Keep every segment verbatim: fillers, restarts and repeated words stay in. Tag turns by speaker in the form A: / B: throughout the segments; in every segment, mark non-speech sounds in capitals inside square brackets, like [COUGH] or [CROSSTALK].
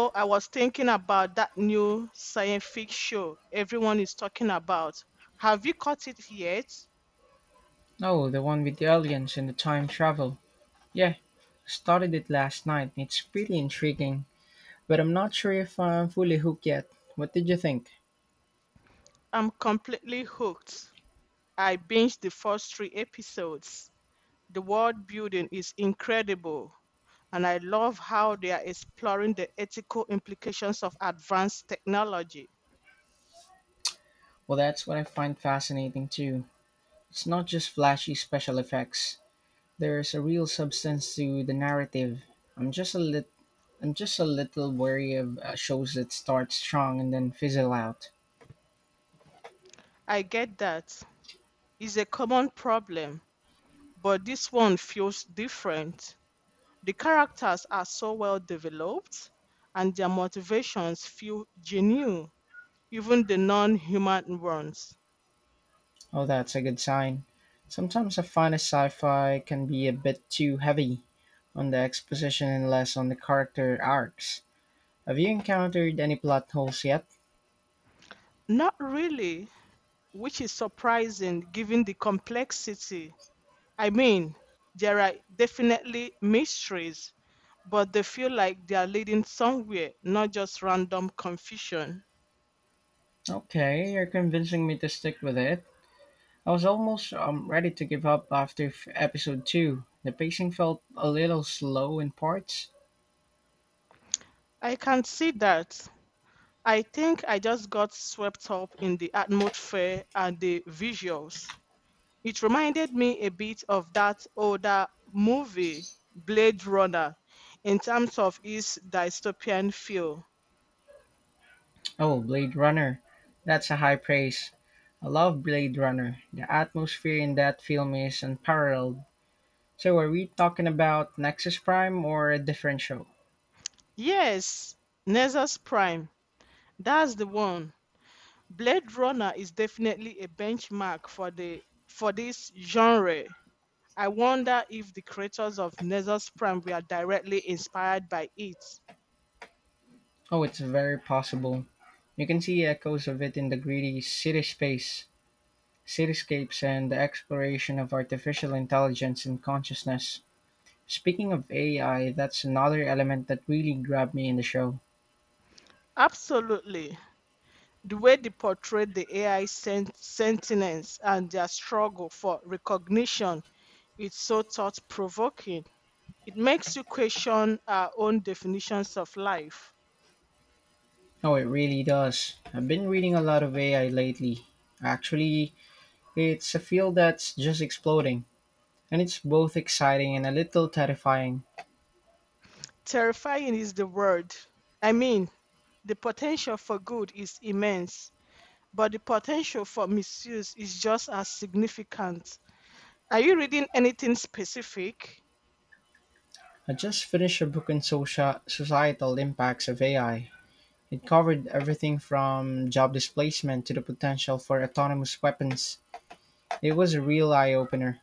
A: So I was thinking about that new science fiction show everyone is talking about. Have you caught it yet?
B: Oh, the one with the aliens and the time travel. Yeah, started it last night. It's pretty intriguing, but I'm not sure if I'm fully hooked yet. What did you think?
A: I'm completely hooked. I binged the first three episodes. The world building is incredible, and I love how they are exploring the ethical implications of advanced technology.
B: Well, that's what I find fascinating too. It's not just flashy special effects. There's a real substance to the narrative. I'm just a lit I'm just a little wary of uh, shows that start strong and then fizzle out.
A: I get that it's a common problem, but this one feels different. The characters are so well developed and their motivations feel genuine, even the non human ones.
B: Oh, that's a good sign. Sometimes I find a sci-fi can be a bit too heavy on the exposition and less on the character arcs. Have you encountered any plot holes yet?
A: Not really, which is surprising given the complexity. I mean, there are definitely mysteries, but they feel like they are leading somewhere, not just random confusion.
B: Okay, you're convincing me to stick with it. I was almost um, ready to give up after f- episode two. The pacing felt a little slow in parts.
A: I can see that. I think I just got swept up in the atmosphere and the visuals. It reminded me a bit of that older movie, Blade Runner, in terms of its dystopian feel.
B: Oh, Blade Runner. That's a high praise. I love Blade Runner. The atmosphere in that film is unparalleled. So are we talking about Nexus Prime or a different show?
A: Yes, Nexus Prime. That's the one. Blade Runner is definitely a benchmark for the for this genre. I wonder if the creators of Nexus Prime were directly inspired by it.
B: Oh, it's very possible. You can see echoes of it in the greedy city space, cityscapes, and the exploration of artificial intelligence and consciousness. Speaking of A I, that's another element that really grabbed me in the show.
A: Absolutely. The way they portrayed the A I sent- sentinels and their struggle for recognition. It's so thought provoking. It makes you question our own definitions of life.
B: Oh, it really does. I've been reading a lot of A I lately. Actually, it's a field that's just exploding, and it's both exciting and a little terrifying.
A: Terrifying is the word. I mean, the potential for good is immense, but the potential for misuse is just as significant. Are you reading anything specific?
B: I just finished a book on socia- societal impacts of A I. It covered everything from job displacement to the potential for autonomous weapons. It was a real eye opener.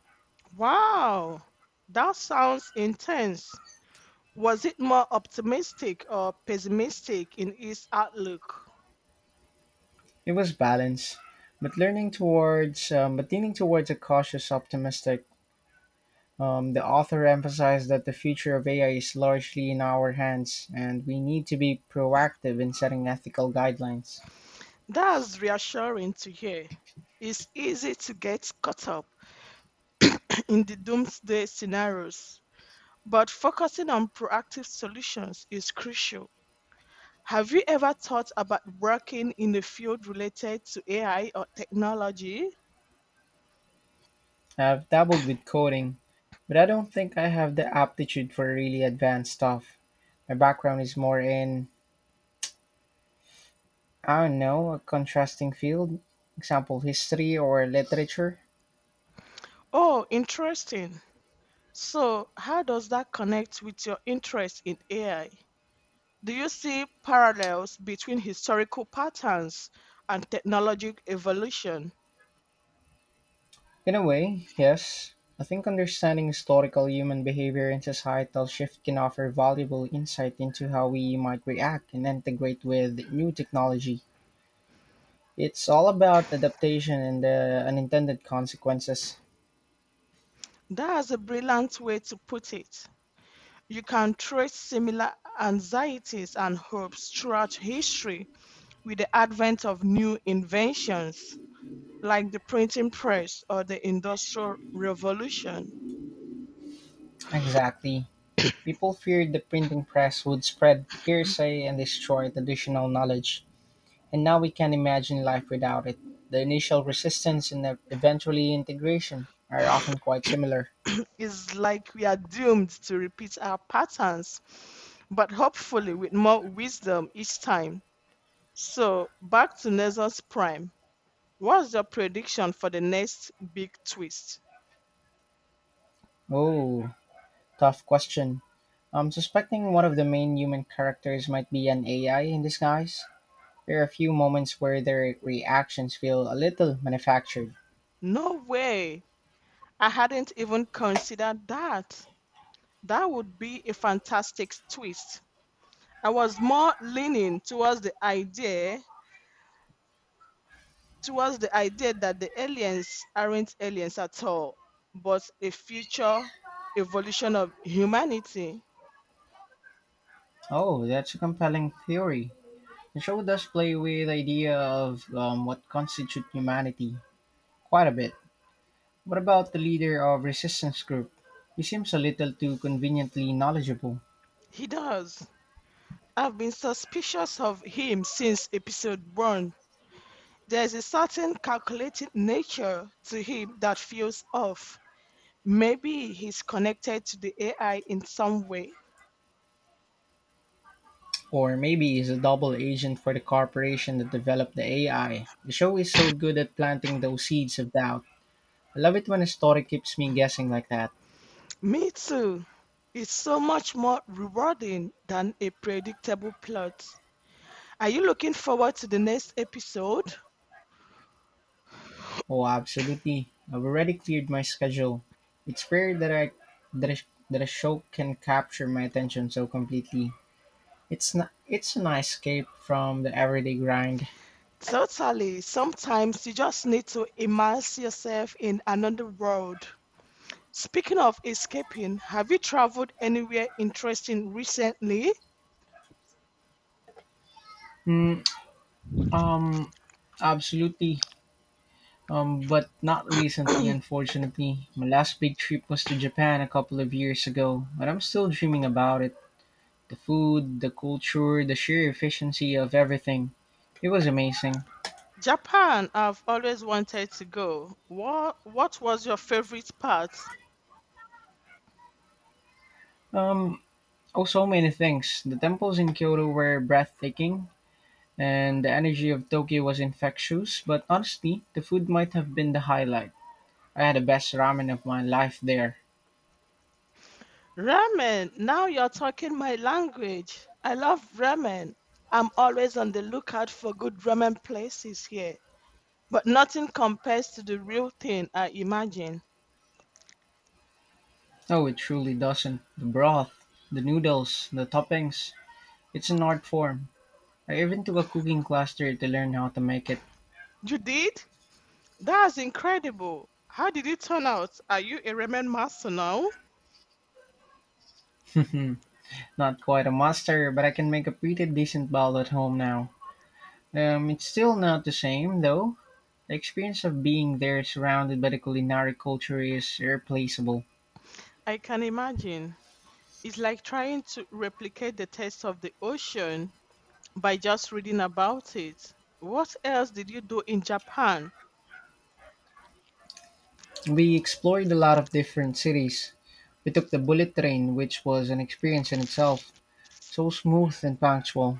A: Wow, that sounds intense. Was it more optimistic or pessimistic in its outlook?
B: It was balanced, but learning towards, um, but leaning towards a cautious optimistic. Um, the author emphasized that the future of A I is largely in our hands, and we need to be proactive in setting ethical guidelines.
A: That's reassuring to hear. It's easy to get caught up in the doomsday scenarios, but focusing on proactive solutions is crucial. Have you ever thought about working in a field related to A I or technology?
B: I've dabbled with coding, but I don't think I have the aptitude for really advanced stuff. My background is more in, I don't know, a contrasting field, example, history or literature.
A: Oh, interesting. So, how does that connect with your interest in A I? Do you see parallels between historical patterns and technological evolution?
B: In a way, yes, I think understanding historical human behavior and societal shift can offer valuable insight into how we might react and integrate with new technology. It's all about adaptation and the unintended consequences.
A: That's a brilliant way to put it. You can trace similar anxieties and hopes throughout history with the advent of new inventions like the printing press or the industrial revolution.
B: Exactly. People feared the printing press would spread hearsay and destroy traditional knowledge, and now we can imagine life without it. The initial resistance and the- eventually integration are often quite similar.
A: It's like we are doomed to repeat our patterns, but hopefully with more wisdom each time. So, back to Nezos Prime. What's your prediction for the next big twist?
B: Oh, tough question. I'm suspecting one of the main human characters might be an A I in disguise. There are a few moments where their reactions feel a little manufactured.
A: No way. I hadn't even considered that. That would be a fantastic twist. I was more leaning towards the idea, towards the idea that the aliens aren't aliens at all, but a future evolution of humanity.
B: Oh, that's a compelling theory. The show does play with the idea of um, what constitutes humanity quite a bit. What about the leader of resistance group? He seems a little too conveniently knowledgeable.
A: He does. I've been suspicious of him since episode one. There's a certain calculating nature to him that feels off. Maybe he's connected to the A I in some way.
B: Or maybe he's a double agent for the corporation that developed the A I. The show is so good at planting those seeds of doubt. I love it when a story keeps me guessing like that.
A: Me too. It's so much more rewarding than a predictable plot. Are you looking forward to the next episode?
B: Oh, absolutely. I've already cleared my schedule. It's rare that I that a, that a show can capture my attention so completely. It's not, it's a nice escape from the everyday grind.
A: Totally. Sometimes you just need to immerse yourself in another world. Speaking of escaping, have you traveled anywhere interesting recently?
B: Mm, um, absolutely. Um, but not recently, unfortunately. My last big trip was to Japan a couple of years ago, but I'm still dreaming about it. The food, the culture, the sheer efficiency of everything. It was amazing.
A: Japan, I've always wanted to go. What what was your favorite part?
B: Um, oh, so many things. The temples in Kyoto were breathtaking, and the energy of Tokyo was infectious, but honestly, the food might have been the highlight. I had the best ramen of my life there.
A: Ramen. Now you're talking my language. I love ramen. I'm always on the lookout for good ramen places here, but nothing compares to the real thing, I imagine.
B: No, it truly doesn't. The broth, the noodles, the toppings. It's an art form. I even took a cooking class there to learn how to make it.
A: You did? That's incredible. How did it turn out? Are you a ramen master now?
B: [LAUGHS] Not quite a master, but I can make a pretty decent bowl at home now. Um, it's still not the same, though. The experience of being there surrounded by the culinary culture is irreplaceable.
A: I can imagine. It's like trying to replicate the taste of the ocean by just reading about it. What else did you do in Japan?
B: We explored a lot of different cities. We took the bullet train, which was an experience in itself, so smooth and punctual.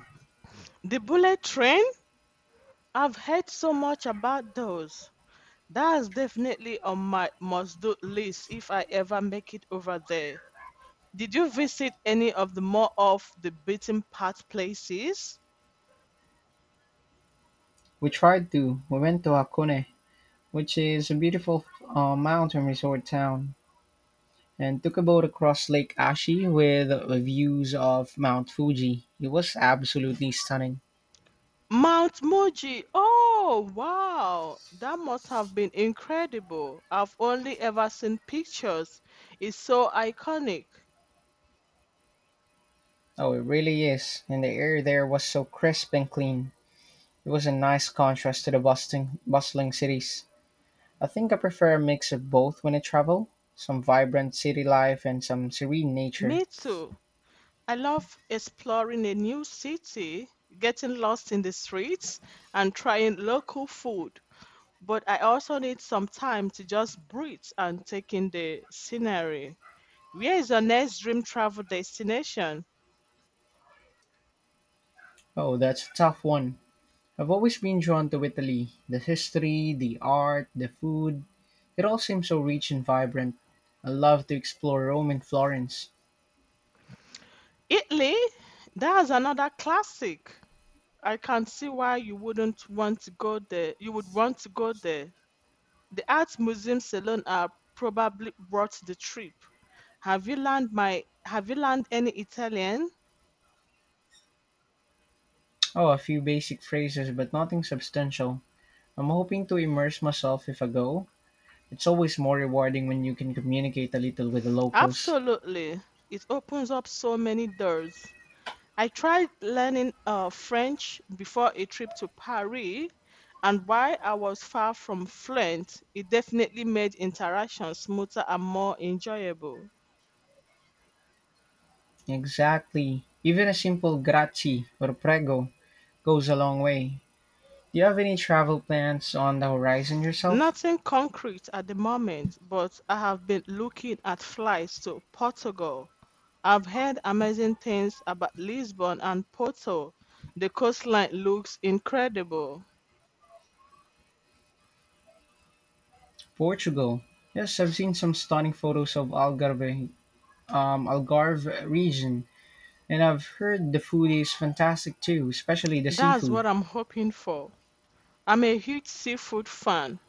A: The bullet train? I've heard so much about those. That's definitely on my must do list if I ever make it over there. Did you visit any of the more off the beaten path places?
B: We tried to. We went to Hakone, which is a beautiful uh, mountain resort town, and took a boat across Lake Ashi with views of Mount Fuji. It was absolutely stunning.
A: Mount Moji. Oh, wow. That must have been incredible. I've only ever seen pictures. It's so iconic.
B: Oh, it really is. And the air there was so crisp and clean. It was a nice contrast to the bustling, bustling cities. I think I prefer a mix of both when I travel, some vibrant city life and some serene nature.
A: Me too. I love exploring a new city, getting lost in the streets, and trying local food. But I also need some time to just breathe and take in the scenery. Where is your next dream travel destination?
B: Oh, that's a tough one. I've always been drawn to Italy, the history, the art, the food. It all seems so rich and vibrant. I love to explore Rome and Florence.
A: Italy? That's another classic. I can see why you wouldn't want to go there. You would want to go there. The art museums alone are probably worth the trip. Have you learned my have you learned any Italian?
B: Oh, a few basic phrases, but nothing substantial. I'm hoping to immerse myself if I go. It's always more rewarding when you can communicate a little with the locals.
A: Absolutely. It opens up so many doors. I tried learning uh, French before a trip to Paris, and while I was far from fluent, it definitely made interaction smoother and more enjoyable.
B: Exactly. Even a simple grazie or prego goes a long way. Do you have any travel plans on the horizon yourself?
A: Nothing concrete at the moment, but I have been looking at flights to Portugal. I've heard amazing things about Lisbon and Porto. The coastline looks incredible.
B: Portugal. Yes, I've seen some stunning photos of Algarve, um, Algarve region, and I've heard the food is fantastic too, especially the
A: That's
B: seafood.
A: what I'm hoping for. I'm a huge seafood fan,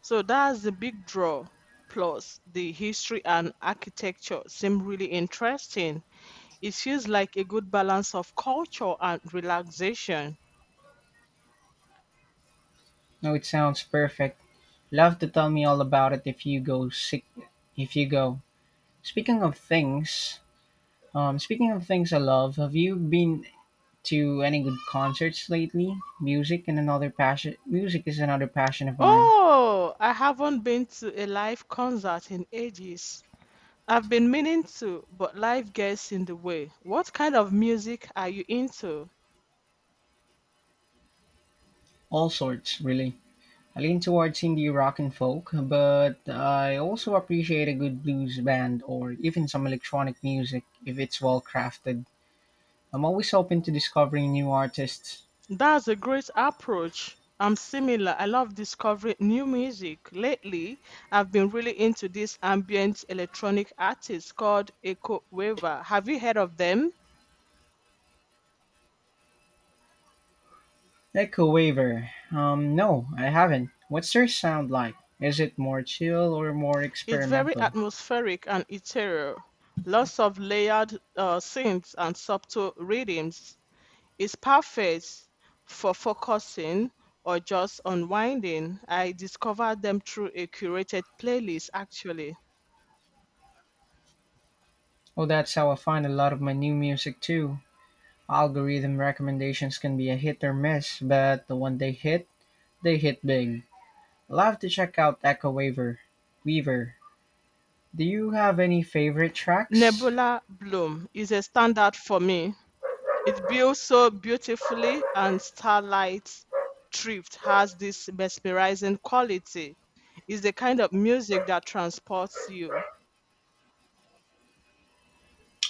A: so that's the big draw. Plus, the history and architecture seem really interesting. It feels like a good balance of culture and relaxation.
B: No, it sounds perfect. Love to tell me all about it if you go. Sick, if you go. Speaking of things, um, Speaking of things I love, have you been to any good concerts lately? Music and another passion. Music is another passion of mine.
A: Oh, I haven't been to a live concert in ages. I've been meaning to, but life gets in the way. What kind of music are you into?
B: All sorts, really. I lean towards indie rock and folk, but I also appreciate a good blues band or even some electronic music if it's well crafted. I'm always open to discovering new artists.
A: That's a great approach. I'm similar. I love discovering new music. Lately, I've been really into this ambient electronic artist called Echo Waver. Have you heard of them?
B: Echo Waver. Um, no, I haven't. What's their sound like? Is it more chill or more
A: It's very
B: experimental?
A: atmospheric and ethereal. Lots of layered uh, synths and subtle rhythms. It's perfect for focusing or just unwinding. I discovered them through a curated playlist, actually.
B: Oh, that's how I find a lot of my new music too. Algorithm recommendations can be a hit or miss, but the one they hit, they hit big. I'll have to check out Echo Waver. Weaver. Do you have any favorite tracks?
A: Nebula Bloom is a standout for me. It builds so beautifully, and Starlight Drift has this mesmerizing quality. It's the kind of music that transports you.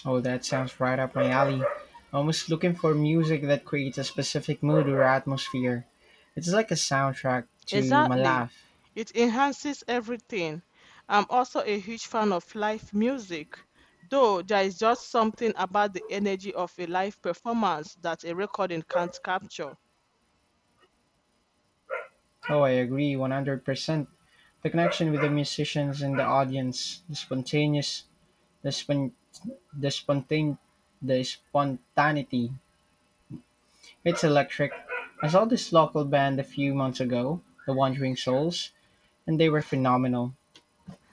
B: Oh, that sounds right up my alley. Almost looking for music that creates a specific mood or atmosphere. It's like a soundtrack to my
A: Exactly.
B: life.
A: It enhances everything. I'm also a huge fan of live music, though there is just something about the energy of a live performance that a recording can't capture.
B: Oh, I agree one hundred percent. The connection with the musicians and the audience, the spontaneous, the spon- the spontane, the spontaneity. It's electric. I saw this local band a few months ago, the Wandering Souls, and they were phenomenal.